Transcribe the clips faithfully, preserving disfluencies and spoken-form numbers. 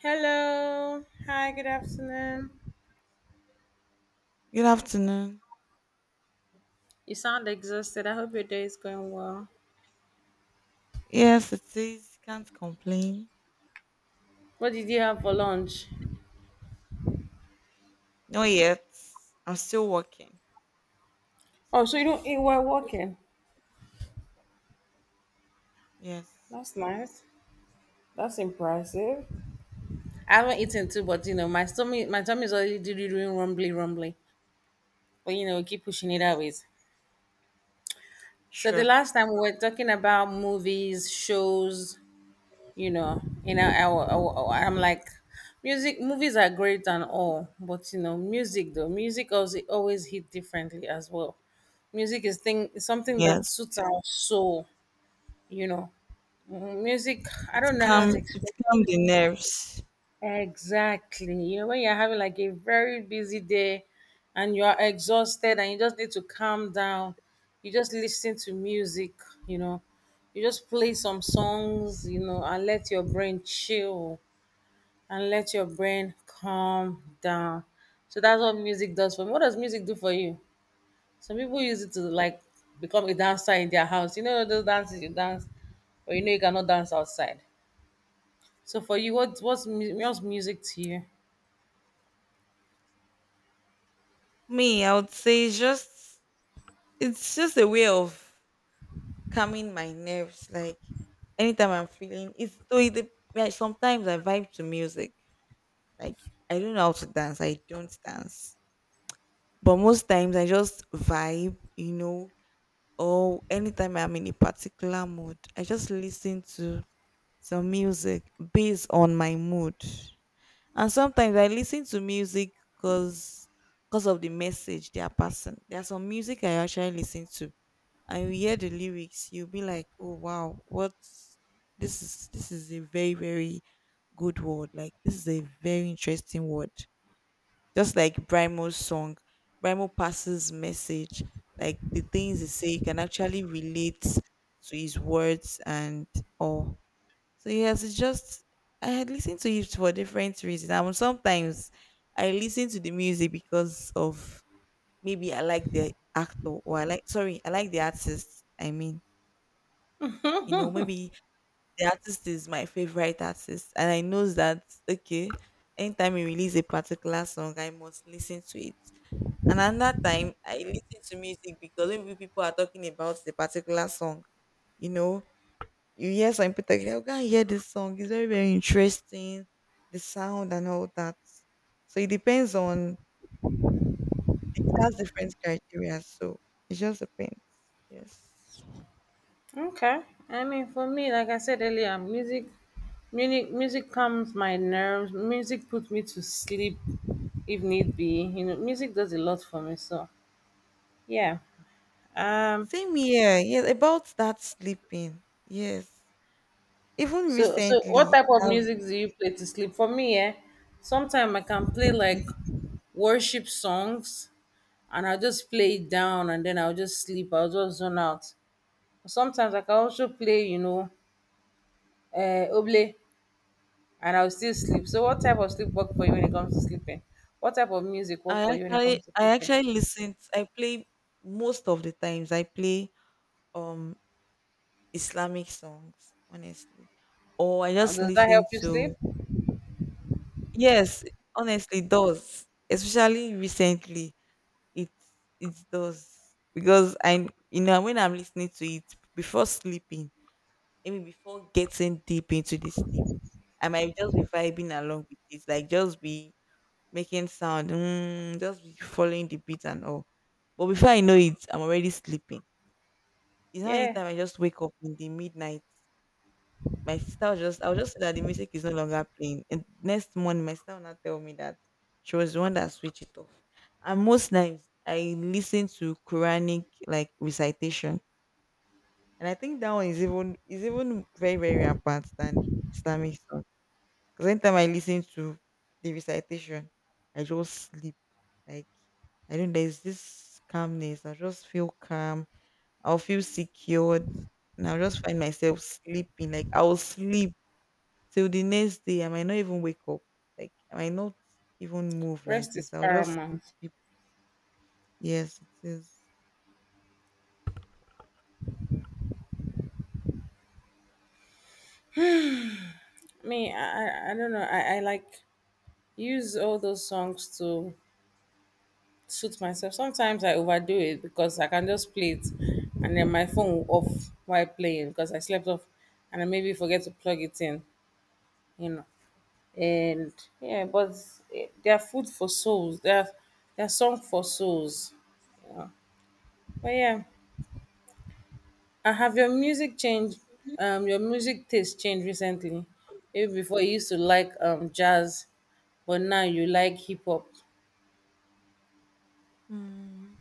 Hello. Hi, good afternoon. Good afternoon. You sound exhausted. I hope your day is going well. Yes, it is. Can't complain. What did you have for lunch? Not yet. I'm still working. Oh, So, so you don't eat while working. yes. That's nice. That's impressive. I haven't eaten too, but you know, my stomach my tummy is already do- doing rumbly rumbly. But you know, keep pushing it Yeah, out. So the sure. last time we were talking about movies, shows, you know and I, I, wa- I, wa- i'm like music movies are great and all, but you know music, though music also always hit differently as well. Music is thing is something that Yes. suits our soul. you know Mm, music, I It's don't know how to calm. It's explain. calm the nerves. Exactly. You know when you're having like a very busy day and you are exhausted and you just need to calm down, you just listen to music. you know you just play some songs, you know and let your brain chill and let your brain calm down. So that's what music does for me. What does music do for you? Some people use it to like become a dancer in their house. You know those dances you dance, but you know you cannot dance outside. So for you, what what's mu- what's music to you? Me, I would say it's just it's just a way of calming my nerves. Like anytime I'm feeling it's so it, dep- like sometimes I vibe to music. Like I don't know how to dance. I don't dance. But most times I just vibe, you know, or anytime I'm in a particular mood, I just listen to some music based on my mood. And sometimes I listen to music because because of the message they are passing. There's some music I actually listen to, and you hear the lyrics, you'll be like, "Oh wow, what? This is this is a very very good word. Like this is a very interesting word." Just like Brimo's song, Brimo passes message, like the things he say, you can actually relate to his words and all. So yes, it's just I had listened to it for different reasons. And sometimes I listen to the music because of maybe I like the actor or I like sorry, I like the artist. I mean, you know, maybe the artist is my favorite artist and I know that okay, anytime you release a particular song, I must listen to it. And another time, I listen to music because maybe people are talking about the particular song. You know, you hear some people talking, oh, go and hear this song. It's very, very interesting, the sound and all that. So it depends on, it has different criteria. So it just depends. Yes. Okay, I mean for me, like I said earlier, music, music, music calms my nerves. Music puts me to sleep, if need be. You know, music does a lot for me. So yeah. um, Same here. Yes, about that sleeping. Yes. Even So, so what recently, type of I've, music do you play to sleep? For me, eh, sometimes I can play like okay, worship songs, and I'll just play it down, and then I'll just sleep. I'll just zone out. Sometimes I can also play, you know, uh, oble, and I'll still sleep. So, what type of sleep work for you when it comes to sleeping? What type of music I work for you when it actually, comes to I sleeping? actually listened, I play most of the times I play um Islamic songs, honestly. Or I Uh, just Does that help listen you sleep? to yes, honestly it does. Especially recently. It it does. Because I you know when I'm listening to it before sleeping, I mean before getting deep into the sleep, I might just be vibing along with it, like just be making sound, mm, just be following the beat and all. But before I know it, I'm already sleeping. It's not Yeah, anytime I just wake up in the midnight. My sister was just I was just say that the music is no longer playing. And next morning my sister will now tell me that she was the one that switched it off. And most times I listen to Quranic like recitation. And I think that one is even is even very, very rampant than Islamic song. Because anytime I listen to the recitation, I just sleep. Like I don't there's this calmness. I just feel calm. I'll feel secured. And I'll just find myself sleeping. Like I'll sleep till the next day, I might not even wake up. Like I might not even move like rest is this. I'll just paramount. sleep deep. Yes, it is. Me, I, I I don't know. I, I like use all those songs to suit myself. Sometimes I overdo it because I can just play it and then my phone will off while playing because I slept off and I maybe forget to plug it in, you know. And yeah, but eh, they are food for souls. They are they are song for souls. But yeah, and have your music changed? Um, your music taste changed recently. Maybe before you used to like um jazz, but now you like hip hop. Mm.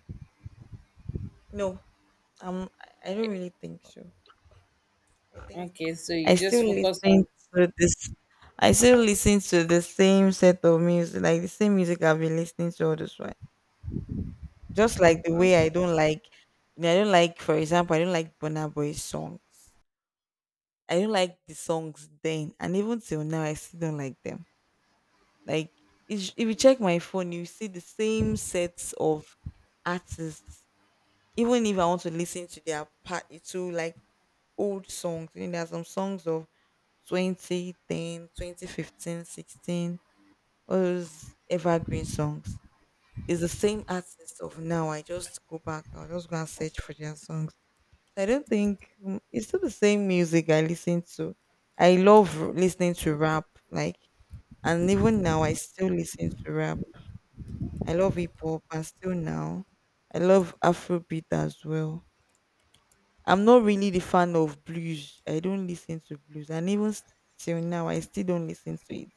No, um, I I don't really think so. I think Okay, so I you just still focus listen on. to this. I still listen to the same set of music, like the same music I've been listening to all this while. Just like the way I don't like, you know, I don't like, for example, I don't like Burna Boy songs. I don't like the songs then, and even till now, I still don't like them. Like if if you check my phone, you see the same sets of artists. Even if I want to listen to their part to like old songs, you know, there are some songs of twenty ten, twenty fifteen, sixteen. All those evergreen songs. It's the same artist of now. I just go back, I'll just go and search for their songs. So, I don't think mm, it's still the same music I listen to. I love r- listening to rap, like, and even now I still listen to rap. I love hip hop and still now. I love Afrobeat as well. I'm not really the fan of blues. I don't listen to blues. And even s- till now, I still don't listen to it.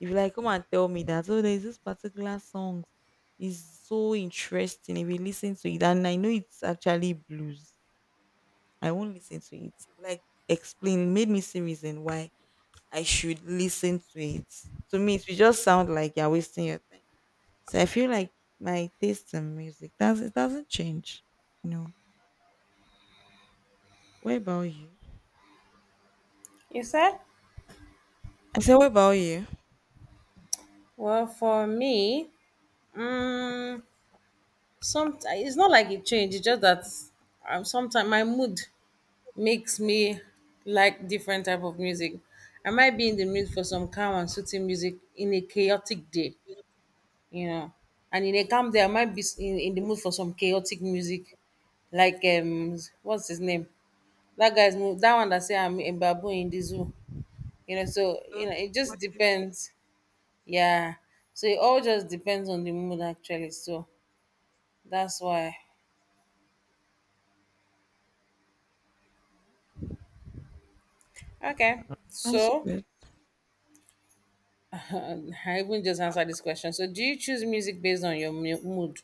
If you like come and tell me that, oh, there's this particular song is so interesting. If you listen to it, and I know it's actually blues, I won't listen to it. Like explain, made me see reason why I should listen to it. To me, it will just sound like you're wasting your time. So I feel like my taste in music does it doesn't change. You know. What about you? You said? I said, what about you? Well, for me, Um, some it's not like it changed. It's just that um, sometimes my mood makes me like different type of music. I might be in the mood for some calm and soothing music in a chaotic day, you know. And in a calm day, I might be s- in, in the mood for some chaotic music, like um, what's his name? That guy's mo- that one that say I'm a baboon in the zoo, you know. So you Okay, know, it just what the- depends. Yeah. So it all just depends on the mood actually. So that's why. Okay, that's so good. I even just answered this question. So, do you choose music based on your mu- mood?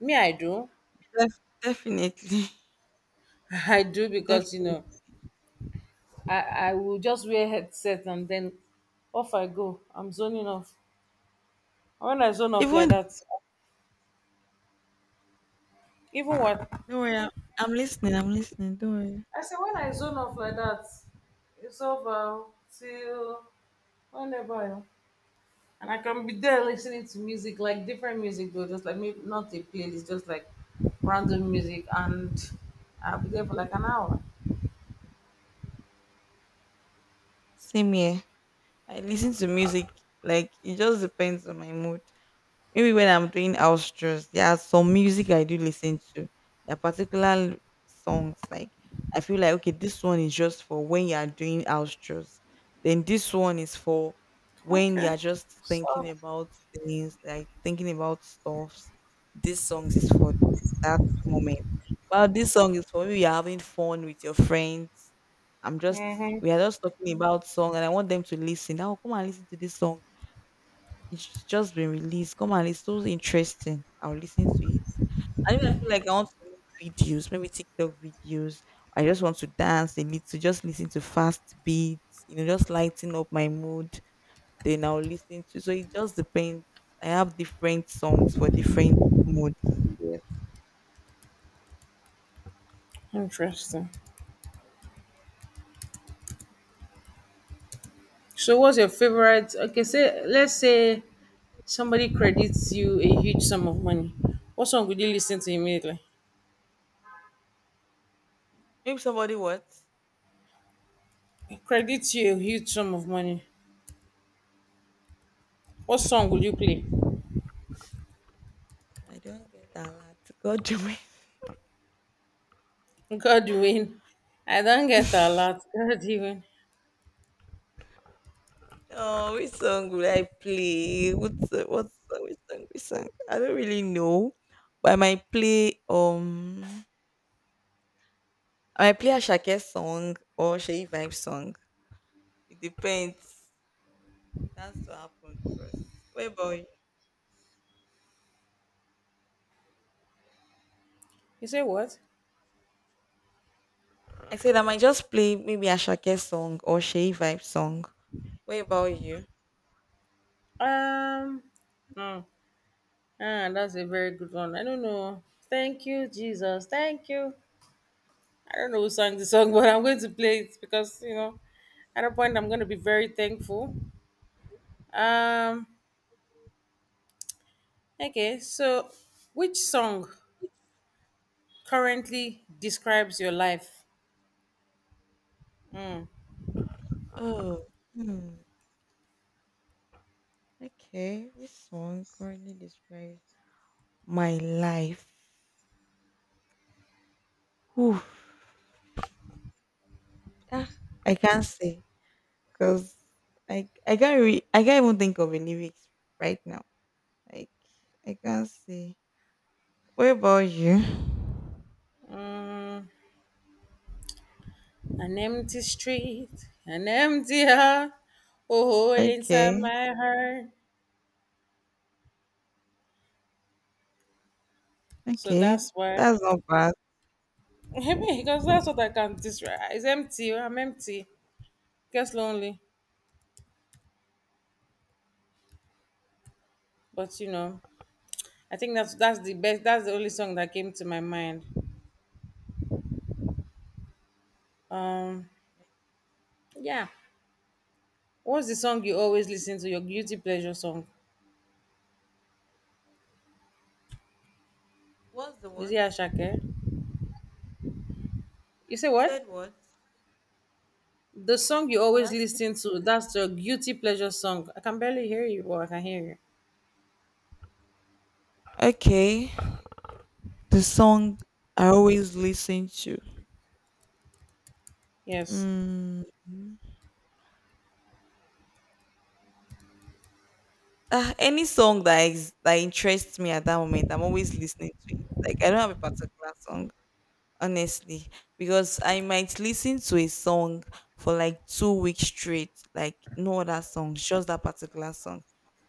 Me, I do. Def- definitely, I do because you definitely. know, I I will just wear headset and then off I go. I'm zoning off. And when I zone off like Even that, even what don't worry, I'm, I'm listening. I'm listening. Don't worry. I say when I zone off like that, it's over till whenever. And I can be there listening to music, like different music though, just like maybe not a playlist, just like random music, and I'll be there for like an hour. Same here. I listen to music. Like it just depends on my mood. Maybe when I'm doing house chores, there are some music I do listen to. There particular songs like I feel like okay, this one is just for when you are doing house chores. Then this one is for when you Okay. are just thinking So, about things, like thinking about stuffs. This song is for that moment. Well, this song is for when you're having fun with your friends. I'm just mhm. we are just talking about song and I want them to listen. Now come and listen to this song it's just been released. Come on, it's so interesting. I'll listen to it. And if I feel like I want to make videos, maybe TikTok videos. I just want to dance a little, just listen to fast beats, you know, just lighten up my mood. Then I'll listen to. So it just depends. I have different songs for different moods. Yes. Interesting. So, what's your favorite? Okay, say let's say somebody credits you a huge sum of money. What song would you listen to immediately? Maybe somebody what? Credits you a huge sum of money. What song would you play? I don't get that. God, Joey. Godwin. I don't get a lot. Godwin. Oh, which song will I play? What so- what song? Which song? Which song? I don't really know, but I might play um, I might play Ashake's song or Sheyi Vibe song. It depends. It has to happen first. What about you? You say what? I said I might just play maybe Ashake's song or Sheyi Vibe song. What about you? Um, mm, ah, that's a very good one. I don't know. Thank you, Jesus. Thank you. I don't know who sang the song, but I'm going to play it because you know, at a point, I'm going to be very thankful. Um, okay. So, which song currently describes your life? Mm. Oh, hmm. Okay, which song currently describes my life? Whew. Ah, I can't say. Cause I I can't re- I can't even think of a lyrics right now. Like I can't say. What about you? An empty street, an empty heart, a hole inside Okay, my heart. So okay, that's why, that's not bad. because that's what I can describe. It's empty. I'm empty. Gets lonely, but you know, I think that's that's the best. That's the only song that came to my mind. Um, yeah. What's the song you always listen to? Your guilty pleasure song? What's the Is it what? Ashake? You say You what? said what? The song you You always asked. listen to. That's your guilty pleasure song. I can barely hear you, but I can hear you. Okay, the song I always listen to. Yes. Mm. Ah, any song that is that interests me at that moment, I'm always listening to it. Like I don't have a particular song. Honestly, because I might listen to a song for like two weeks straight, like no other song, just that particular song.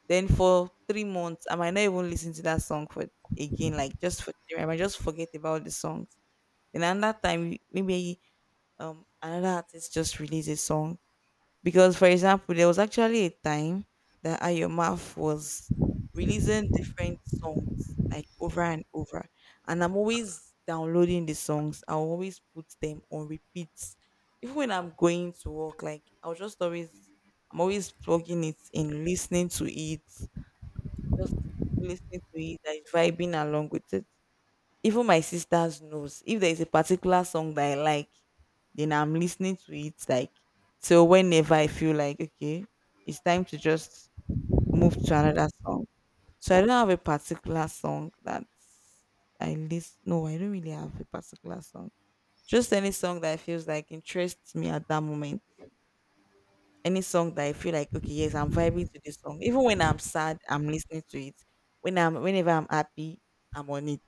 Then for three months I might not even listen to that song for again, like just for three, I might just forget about the songs. Then another time maybe um another artist just released a song. Because, for example, there was actually a time that Ayomaf was releasing different songs like over and over, and I'm always downloading the songs. I will always put them on repeats, even when I'm going to work. Like I'll just always, I'm always plugging it in, listening to it, just listening to it, like vibing along with it. Even my sisters knows if there is a particular song that I like, then I'm listening to it like till whenever I feel like okay, it's time to just move to another song. So I don't have a particular song that I list. No, I don't really have a particular song. Just any song that feels like interests me at that moment. Any song that I feel like, okay, yes, I'm vibing to this song. Even when I'm sad, I'm listening to it. When I'm whenever I'm happy, I'm on it.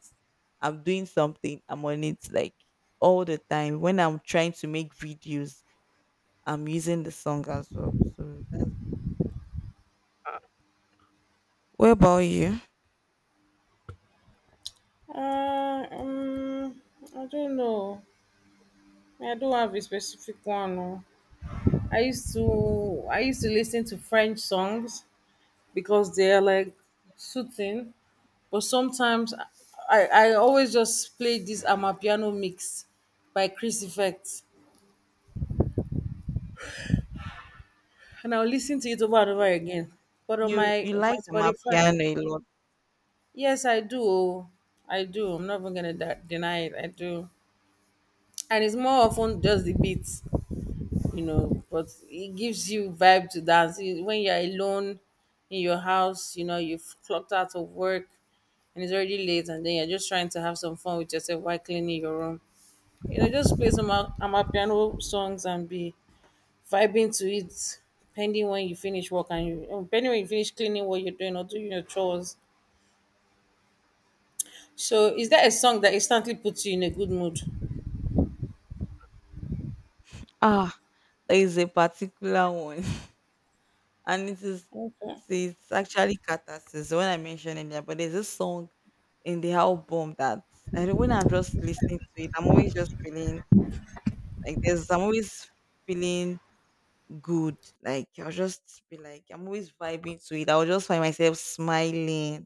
I'm doing something, I'm on it like all the time. When I'm trying to make videos, I'm using the song as well. So that's what about you? Uh, um, I don't know. I don't have a specific one. Oh. I used to I used to listen to French songs because they are like soothing. But sometimes I, I always just play this Amapiano mix by Chris Effect. And I'll listen to it over and over again. But on You my you on my like Spotify, Amapiano a lot. yes, I do. Oh. I do. I'm not even gonna de- deny it. I do. And it's more often just the beats. You know but it gives you vibe to dance. You- when you're alone in your house, you know you've clocked out of work, and it's already late, and then you're just trying to have some fun with yourself while cleaning your room you know just play some Am- amapiano songs and be vibing to it, pending when you finish work and you um, pending when you finish cleaning what you're doing or doing your chores. So is that a song that instantly puts you in a good mood? Ah, there is a particular one. And it is Okay. see it's actually Catharsis, the one I mentioned earlier. But there's this song in the album that I don't when I'm just listening to it, I'm always just feeling like there's I'm always feeling good. Like I'll just be like I'm always vibing to it. I'll just find myself smiling.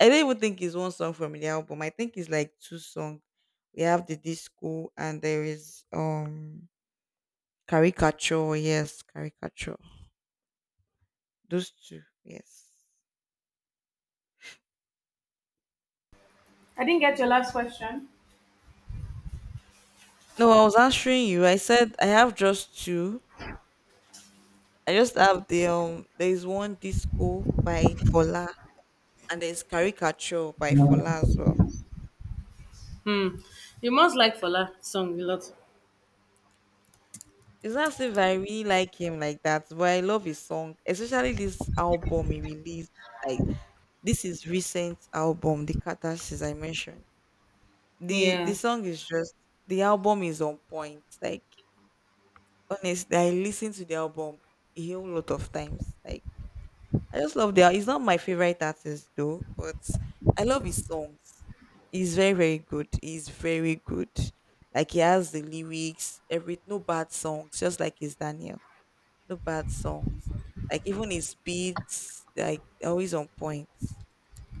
I don't even think it's one song from the album. I think it's like two songs. We have the disco and there is um caricature. Yes, caricature. Those two. Yes. I didn't get your last question. No, I was answering you. I said I have just two. I just have the um. There is one disco by Fola, and there's caricature by Fola as well. hmm you must like Fola song a lot. It's not as if I really like him like that, but I love his song, especially this album he released. Like this is recent album, the Catharsis I mentioned. the The Yeah. song is just the album is on point. Like honestly, I listened to the album a whole lot of times. Like I just love their. He's not my favorite artist though, but I love his songs. He's very very good. He's very good. Like he has the lyrics, every no bad songs, just like his Daniel. No bad songs. Like even his beats, like they're always on point.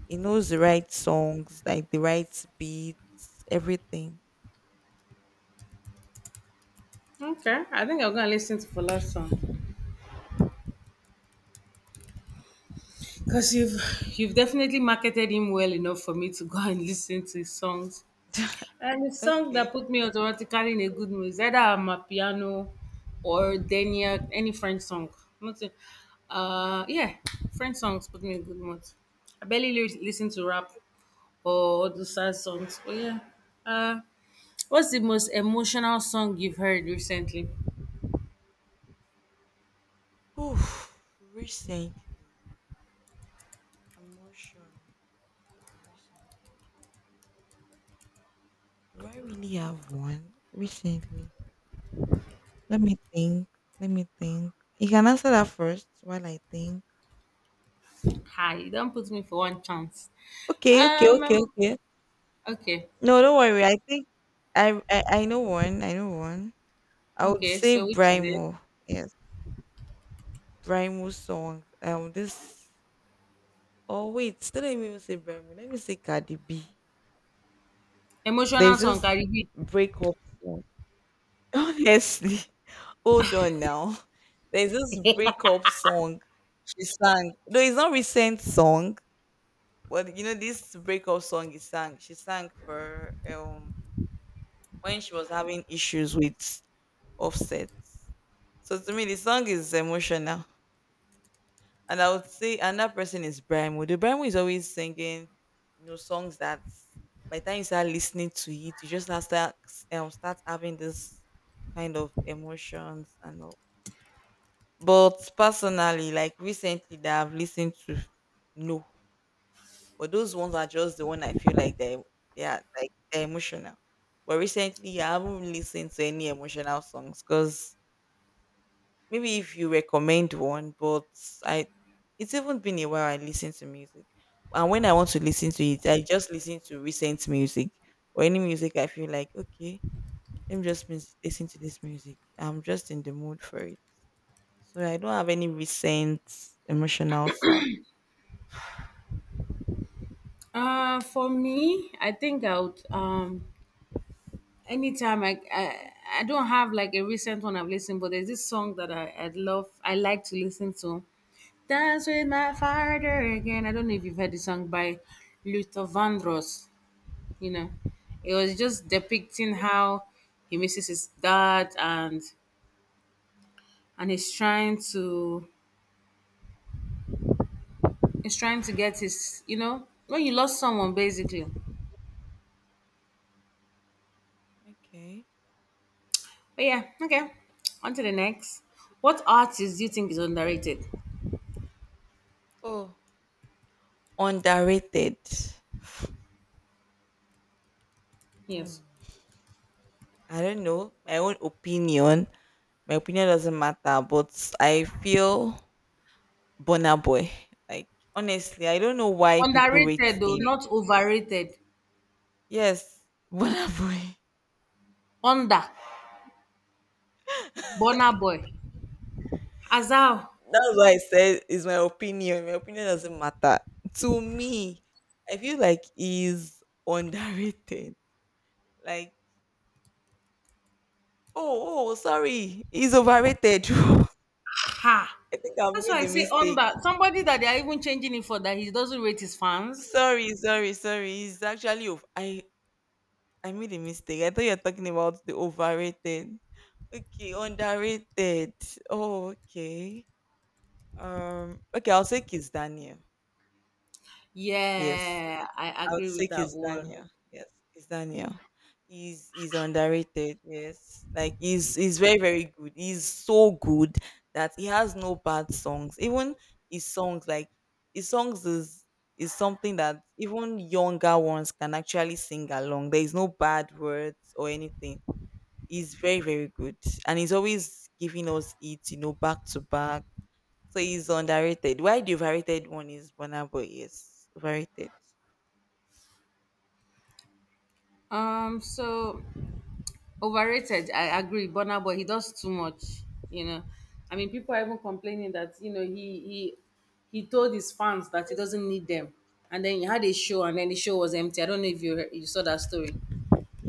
He knows the right songs, like the right beats, everything. Okay, I think I'm gonna listen to Fola's song because you've you've definitely marketed him well enough for me to go and listen to his songs. And the song that Okay. put me automatically in a good mood is either Amapiano or Denia, any French song. Not Nothing. Uh, yeah, French songs put me in a good mood. I barely li- listen to rap or the sad songs. But yeah, uh, what's the most emotional song you've heard recently? Oof. Recently, emotion. Recently, do I really have one? Recently. Let me think. Let me think. You can answer that first while I think. Hi, you don't put me for one chance. Okay, okay, okay, Um, okay. Okay. No, don't worry. I think I I, I know one. I know one. I would Okay. say So which is it? Brimo. Yes, Brimo song. Um, this. Oh wait, still let me even say Brimo. Let me say Cardi B. Emotional There's song, this Caribbean beat. breakup song. Honestly, hold on now. There's this breakup song she sang. Though it's not recent song, but you know this breakup song he sang. She sang for um when she was having issues with Offset. So to me, the song is emotional, and I would say another person is Brian Moody. Brian Moody is always singing, you know, songs that by the time you start listening to it, you just start start, um, start having this kind of emotions and all. But personally, like recently that I've listened to, no, but those ones are just the one I feel like they they are like they're emotional. But recently I haven't really listened to any emotional songs because maybe if you recommend one, but I, it's even been a while I listen to music. And when I want to listen to it, I just listen to recent music or any music I feel like, okay, let me just mis- listen to this music. I'm just in the mood for it. So I don't have any recent emotional songs. Uh, for me, I think I would um anytime I, I I don't have like a recent one I've listened, but there's this song that I I love I like to listen to. Dance with my father again. I don't know if you've heard the song by Luther Vandross. You know, it was just depicting how he misses his dad and and he's trying to he's trying to get his you know when you lost someone basically. Okay. But yeah, okay. On to the next. What artist do you think is underrated? Oh, underrated. Yes. Mm. I don't know. My own opinion. My opinion doesn't matter, but I feel Bonner Boy. Like honestly, I don't know why people rate Underrated though, him. not overrated. Yes, Bonner Boy. Under. Bonner Boy. Azal. That's why I said it's my opinion. My opinion doesn't matter. To me, I feel like he's underrated. Like, oh, oh, sorry, he's overrated. I Ha. think I That's why made I the say mistake. under. Somebody that they are even changing it for that he doesn't rate his fans. Sorry, sorry, sorry. He's actually, ov- I I made a mistake. I thought you were talking about the overrated. Okay, underrated. Oh, okay. Um, okay, I'll say Kiss Daniel. Yes, Yeah, I I would agree say with that Kiss one. Daniel. Yes, Kiss Daniel. He's he's underrated. Yes, like he's he's very very good. He's so good that he has no bad songs. Even his songs, like his songs, is is something that even younger ones can actually sing along. There is no bad words or anything. He's very, very good. And he's always giving us it, you know, back to back. So he's underrated. Why the overrated one is Burna Boy? Yes, overrated. Um, so overrated, I agree. Burna Boy, he does too much. You know, I mean, people are even complaining that you know he he he told his fans that he doesn't need them, and then he had a show, and then the show was empty. I don't know if you heard- you saw that story.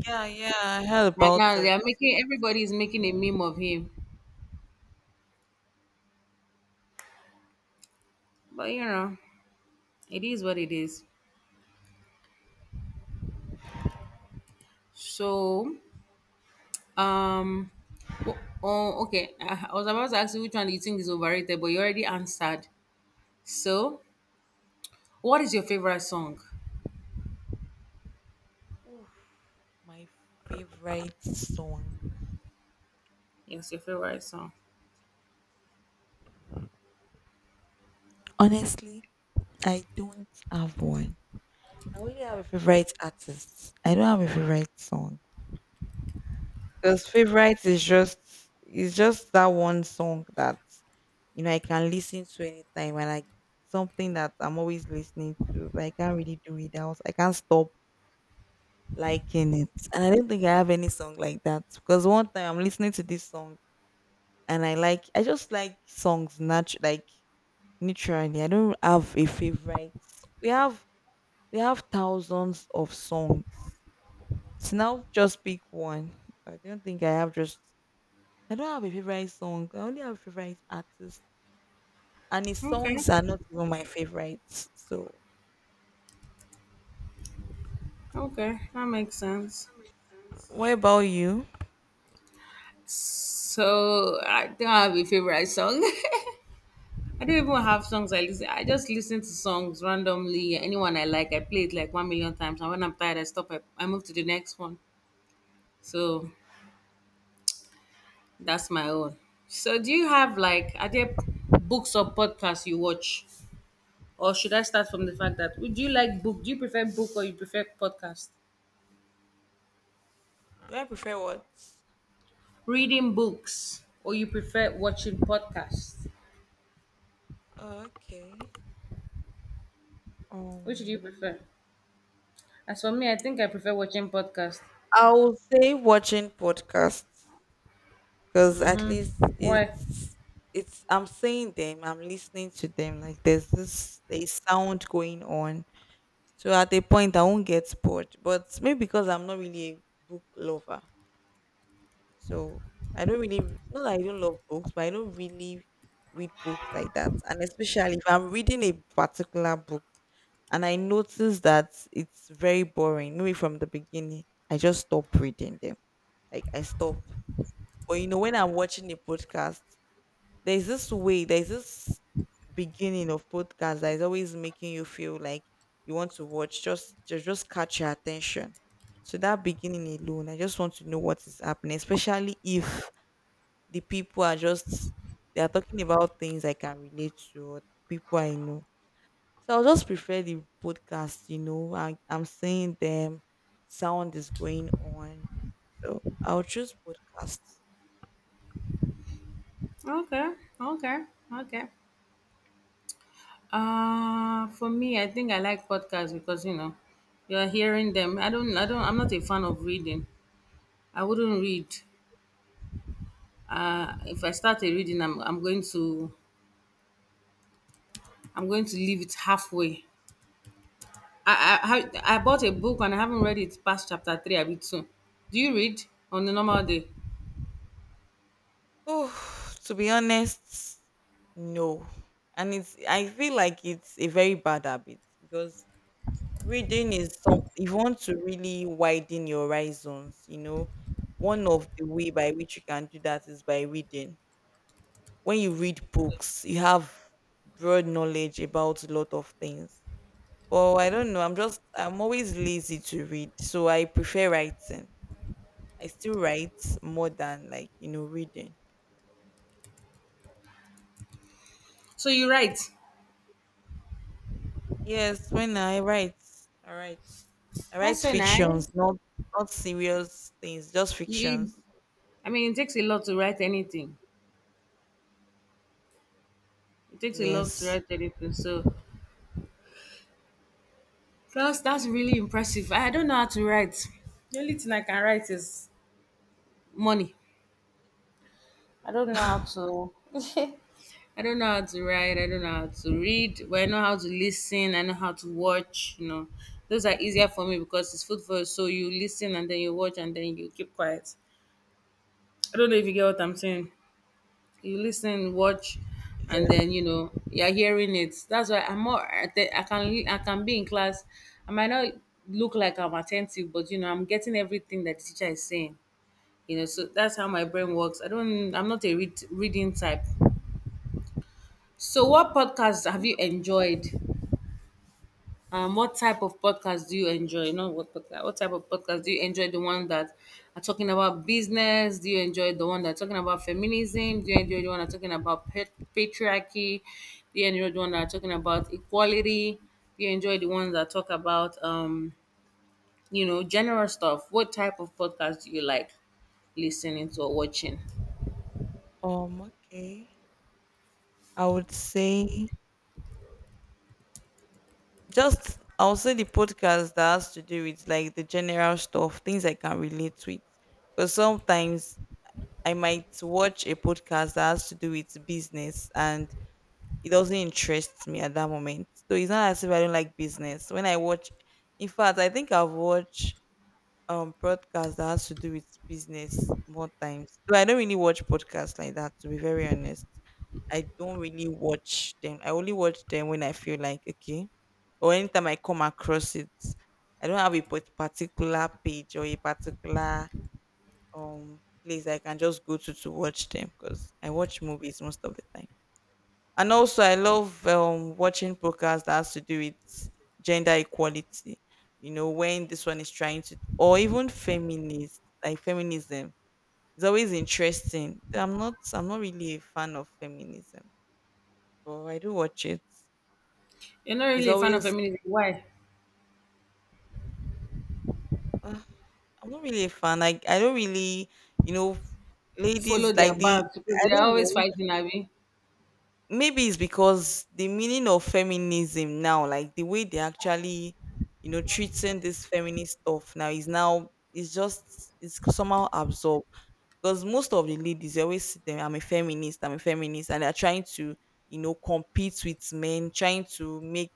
Yeah, yeah, I heard And about now they it. are making Yes. everybody is making a meme of him, but you know, it is what it is. So, um, oh, oh, okay. I I was about to ask you which one do you think is overrated, but you already answered. So, what is your favorite song? Oof, my favorite song. Yes, your favorite song. Honestly, I don't have one. I only have a favorite artist. I don't have a favorite song. Because favorite is just, it's just that one song that you know I can listen to anytime, and like something that I'm always listening to, but I can't really do without. I can't stop liking it. And I don't think I have any song like that. Because one time I'm listening to this song and I like, I just like songs natu- like naturally. I don't have a favorite. We have we have thousands of songs. So now just pick one. I don't think I have just I don't have a favorite song. I only have favorite artists, and his Okay, songs are not even my favorites. So okay, that makes sense. what about you? So I don't have a favorite song. I don't even have songs I listen. I just listen to songs randomly. Anyone I like, I play it like one million times. And when I'm tired, I stop. I, I move to the next one. So that's my own. So do you have like are there books or podcasts you watch, or should I start from the fact that would you like book? Do you prefer book or you prefer podcast? Do I prefer what? Reading books or you prefer watching podcasts? Oh, okay. Which do you Um prefer? As for me, I think I prefer watching podcast. I will say watching podcasts because at least Mm-hmm. Why? it's it's I'm seeing them, I'm listening to them. Like there's this a sound going on. So at a point I won't get bored. But maybe because I'm not really a book lover. So I don't really, not that I don't love books, but I don't really read books like that. And especially if I'm reading a particular book and I notice that it's very boring, maybe from the beginning, I just stop reading them. Like I stop. But you know, when I'm watching a podcast, there's this way, there's this beginning of podcast that is always making you feel like you want to watch, just just, just catch your attention. So that beginning alone, I just want to know what is happening, especially if the people are just they are talking about things I can relate to or people I know. So I'll just prefer the podcast, you know. I, I'm seeing them, sound is going on. So I'll choose podcasts. Okay, okay, okay. Uh, for me, I think I like podcasts because you know you're hearing them. I don't, I don't. I'm not a fan of reading. I wouldn't read. Uh, if I start a reading, I'm, I'm going to, I'm going to leave it halfway. I, I, I I bought a book and I haven't read it past chapter three. I bit two. Do you read on a normal day? Oh, to be honest, no. And it's, I feel like it's a very bad habit because reading is some, if you want to really widen your horizons, you know, one of the way by which you can do that is by reading. When you read books, you have broad knowledge about a lot of things. But I don't know. I'm just I'm always lazy to read, so I prefer writing. I still write more than like you know reading. So you write. Yes, when I write, I write. I write That's so nice. fictions, not not serious things, just You, fictions. I mean, it takes a lot to write anything. It takes a lot to Yes. write anything. So plus that's really impressive. I don't know how to write. The only thing I can write is money. I don't know how yes. to I don't know how to write, I don't know how to read, but I know how to listen, I know how to watch, you know. Those are easier for me because it's food for your soul. You listen and then you watch and then you keep quiet. I don't know if you get what I'm saying. You listen, watch, and then you know you're hearing it. That's why I'm more. I think I can I can be in class. I might not look like I'm attentive, but you know I'm getting everything that the teacher is saying. You know, so that's how my brain works. I don't. I'm not a read, reading type. So, what podcasts have you enjoyed? Um, what type of podcast do you enjoy? Not what podcast. What type of podcast do you enjoy? The one that are talking about business. Do you enjoy the one that are talking about feminism? Do you enjoy the one that are talking about pat- patriarchy? Do you enjoy the one that are talking about equality? Do you enjoy the ones that talk about um, you know, general stuff? What type of podcast do you like listening to or watching? Um. Okay. I would say, just I'll say the podcast that has to do with like the general stuff, things I can relate with. Because sometimes I might watch a podcast that has to do with business and it doesn't interest me at that moment. So it's not as if I don't like business. When I watch, in fact, I think I've watched um podcast that has to do with business more times. Though I don't really watch podcasts like that to be very honest. I don't really watch them. I only watch them when I feel like okay. Or anytime I come across it. I don't have a pat- particular page or a particular um place I can just go to to watch them because I watch movies most of the time. And also, I love um, watching podcasts that has to do with gender equality. You know, when this one is trying to, or even feminist, like feminism, it's always interesting. I'm not, I'm not really a fan of feminism, but I do watch it. You're not It's really a fan of always, feminism. Why? uh, I'm not really a fan. Like, I don't really, you know, Follow ladies their like the, band because I they are don't always know. fighting, Abby. Maybe it's because the meaning of feminism now, like the way they actually, you know, treating this feminist stuff now is now it's just it's somehow absorbed because most of the ladies they always see them. I'm a feminist. I'm a feminist, and they're trying to you know compete with men, trying to make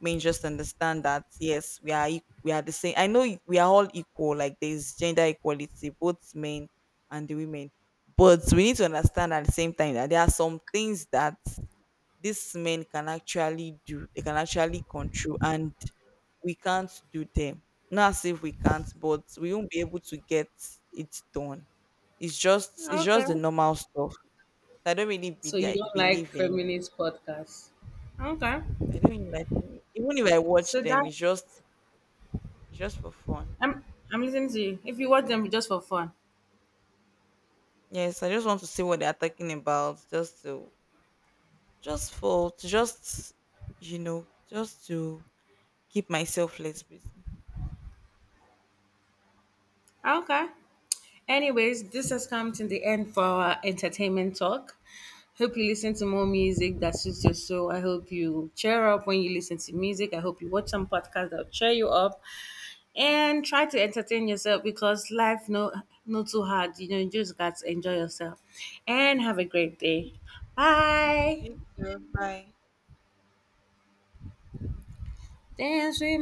men just understand that yes, we are eq- we are the same. I know it- we are all equal. Like there is gender equality, both men and the women, but we need to understand at the same time that there are some things that these men can actually do, they can actually control, and we can't do them, not as if we can't but we won't be able to get it done. It's just, it's Okay. just the normal stuff. i don't really be, So you I don't like believe in, feminist podcasts. Okay. I don't really like, even if I watch So them that it's just, it's just for fun. I'm I'm listening to you. If you watch them just for fun. Yes, I just want to see what they're talking about, just to just for to just, you know, just to keep myself less busy. Okay. Anyways, this has come to the end for our entertainment talk. Hope you listen to more music that suits your soul. I hope you cheer up when you listen to music. I hope you watch some podcasts that'll cheer you up and try to entertain yourself because life no not too hard. You know, you just got to enjoy yourself. And have a great day. Bye. You too. Bye. Dance with